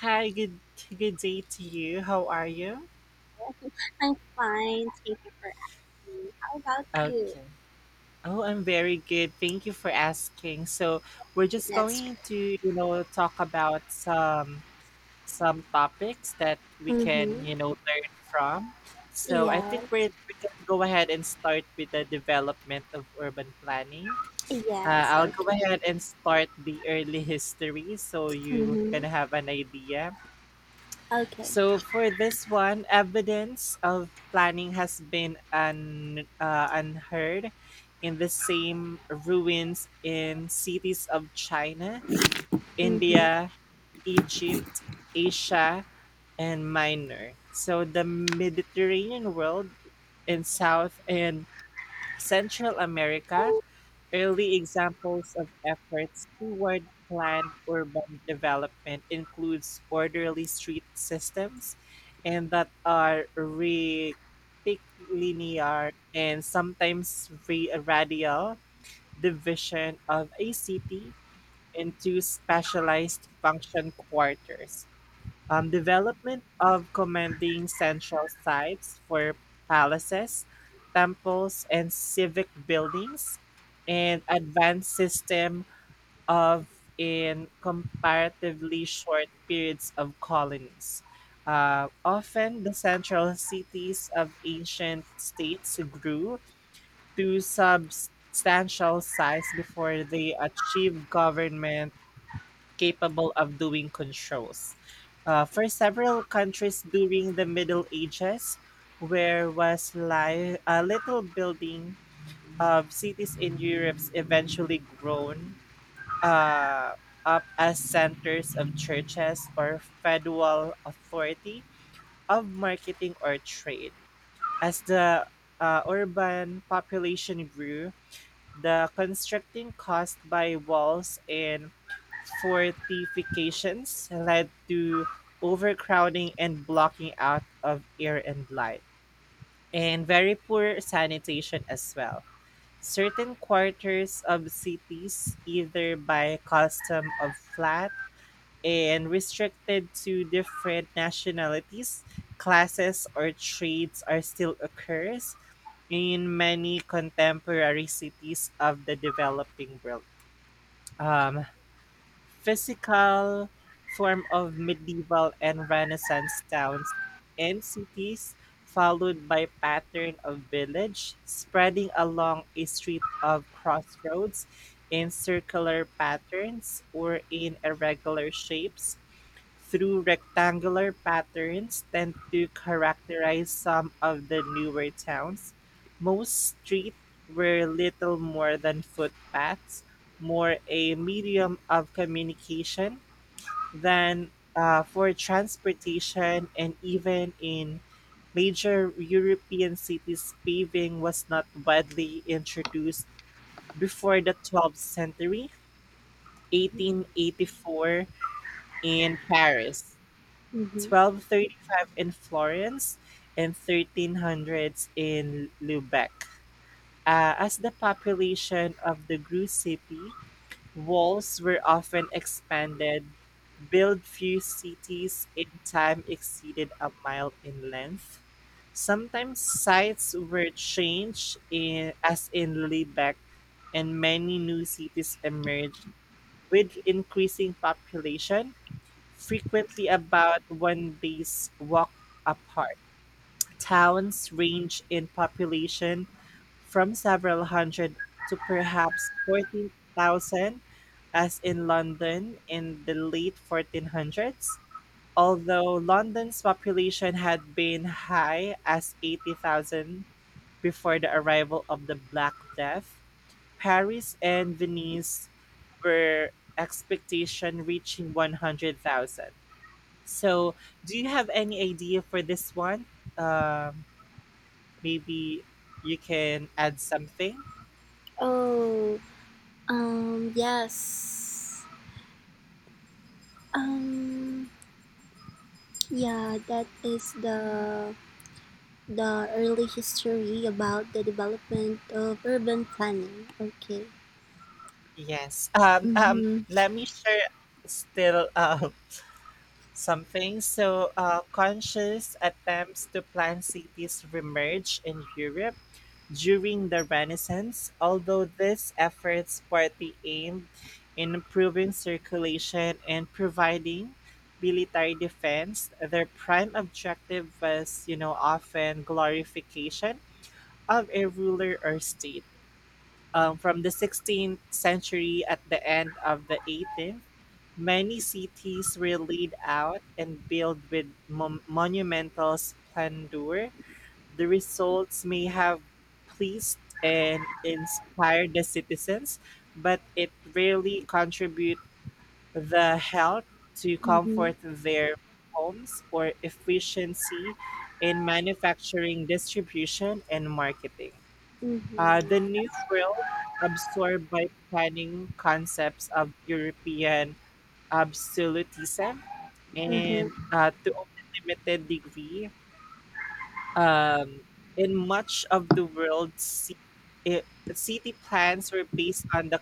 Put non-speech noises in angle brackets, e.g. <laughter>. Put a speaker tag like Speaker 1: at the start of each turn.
Speaker 1: Hi, good day to you. How are you?
Speaker 2: I'm fine. Thank you for asking. How about you?
Speaker 1: Okay. Oh, I'm very good. Thank you for asking. So, we're just
Speaker 2: Let's.
Speaker 1: going to talk about some topics that we can
Speaker 2: Mm-hmm.
Speaker 1: learn from. So, I
Speaker 2: Yes.
Speaker 1: think we can go ahead and start with the development of urban planning.
Speaker 2: Yes.
Speaker 1: I'll go
Speaker 2: Okay.
Speaker 1: ahead and start the early <laughs> history so you can
Speaker 2: Mm-hmm.
Speaker 1: have an idea.
Speaker 2: Okay.
Speaker 1: So for this one, evidence of planning has been unheard in the same ruins in cities of China,
Speaker 2: Mm-hmm.
Speaker 1: India, Egypt, Asia, and Minor. So the Mediterranean world in South and Central America. Early examples of efforts toward planned urban development includes orderly street systems and that are rectilinear and sometimes radial division of a city into specialized function quarters, development of commanding central sites for palaces, temples, and civic buildings, and advanced system of in comparatively short periods of colonies. Often, the central cities of ancient states grew to substantial size before they achieved government capable of doing controls. For several countries during the Middle Ages, where was a little building of cities in Europe eventually grown uh, up as centers of churches or federal authority of marketing or trade. As the urban population grew, the constructing caused by walls and fortifications led to overcrowding and blocking out of air and light, and very poor sanitation as well. Certain quarters of cities, either by custom of flat and restricted to different nationalities, classes, or trades, are still occurs in many contemporary cities of the developing world. um, Physical form of medieval and Renaissance towns and cities, followed by pattern of village spreading along a street of crossroads in circular patterns or in irregular shapes through rectangular patterns tend to characterize some of the newer towns. Most streets were little more than footpaths, more a medium of communication than for transportation, and even in major European cities, paving was not widely introduced before the 12th century, 1884 in Paris.
Speaker 2: Mm-hmm.
Speaker 1: 1235 in Florence and 1300s in Lubeck. As the population of the grew city, walls were often expanded, built few cities in time exceeded a mile in length. Sometimes sites were changed in, as in Lubeck, and many new cities emerged with increasing population frequently about one day's walk apart. Towns range in population from several hundred to perhaps 14,000, as in London in the late 1400s. Although London's population had been high as 80,000 before the arrival of the Black Death, Paris and Venice were expectation reaching 100,000. So, do you have any idea for this one? Um, Maybe you can add something.
Speaker 2: Oh. Yes. Um. Yeah. That is the early history about the development of urban planning. Okay.
Speaker 1: Yes.
Speaker 2: Mm-hmm.
Speaker 1: Let me share still <laughs> something. So, conscious attempts to plan cities remerge in Europe. During the Renaissance, although these efforts partly aimed in improving circulation and providing military defense, their prime objective was often glorification of a ruler or state. From the 16th century at the end of the 18th, many cities were laid out and built with monumental splendor the results may have pleased and inspired the citizens, but it rarely contribute the health to
Speaker 2: Mm-hmm.
Speaker 1: comfort their homes or efficiency in manufacturing, distribution, and marketing.
Speaker 2: Mm-hmm.
Speaker 1: The New
Speaker 2: Yeah.
Speaker 1: World, absorbed by planning concepts of European absolutism, and
Speaker 2: Mm-hmm.
Speaker 1: to a limited degree, um, in much of the world, i- city plans were based on the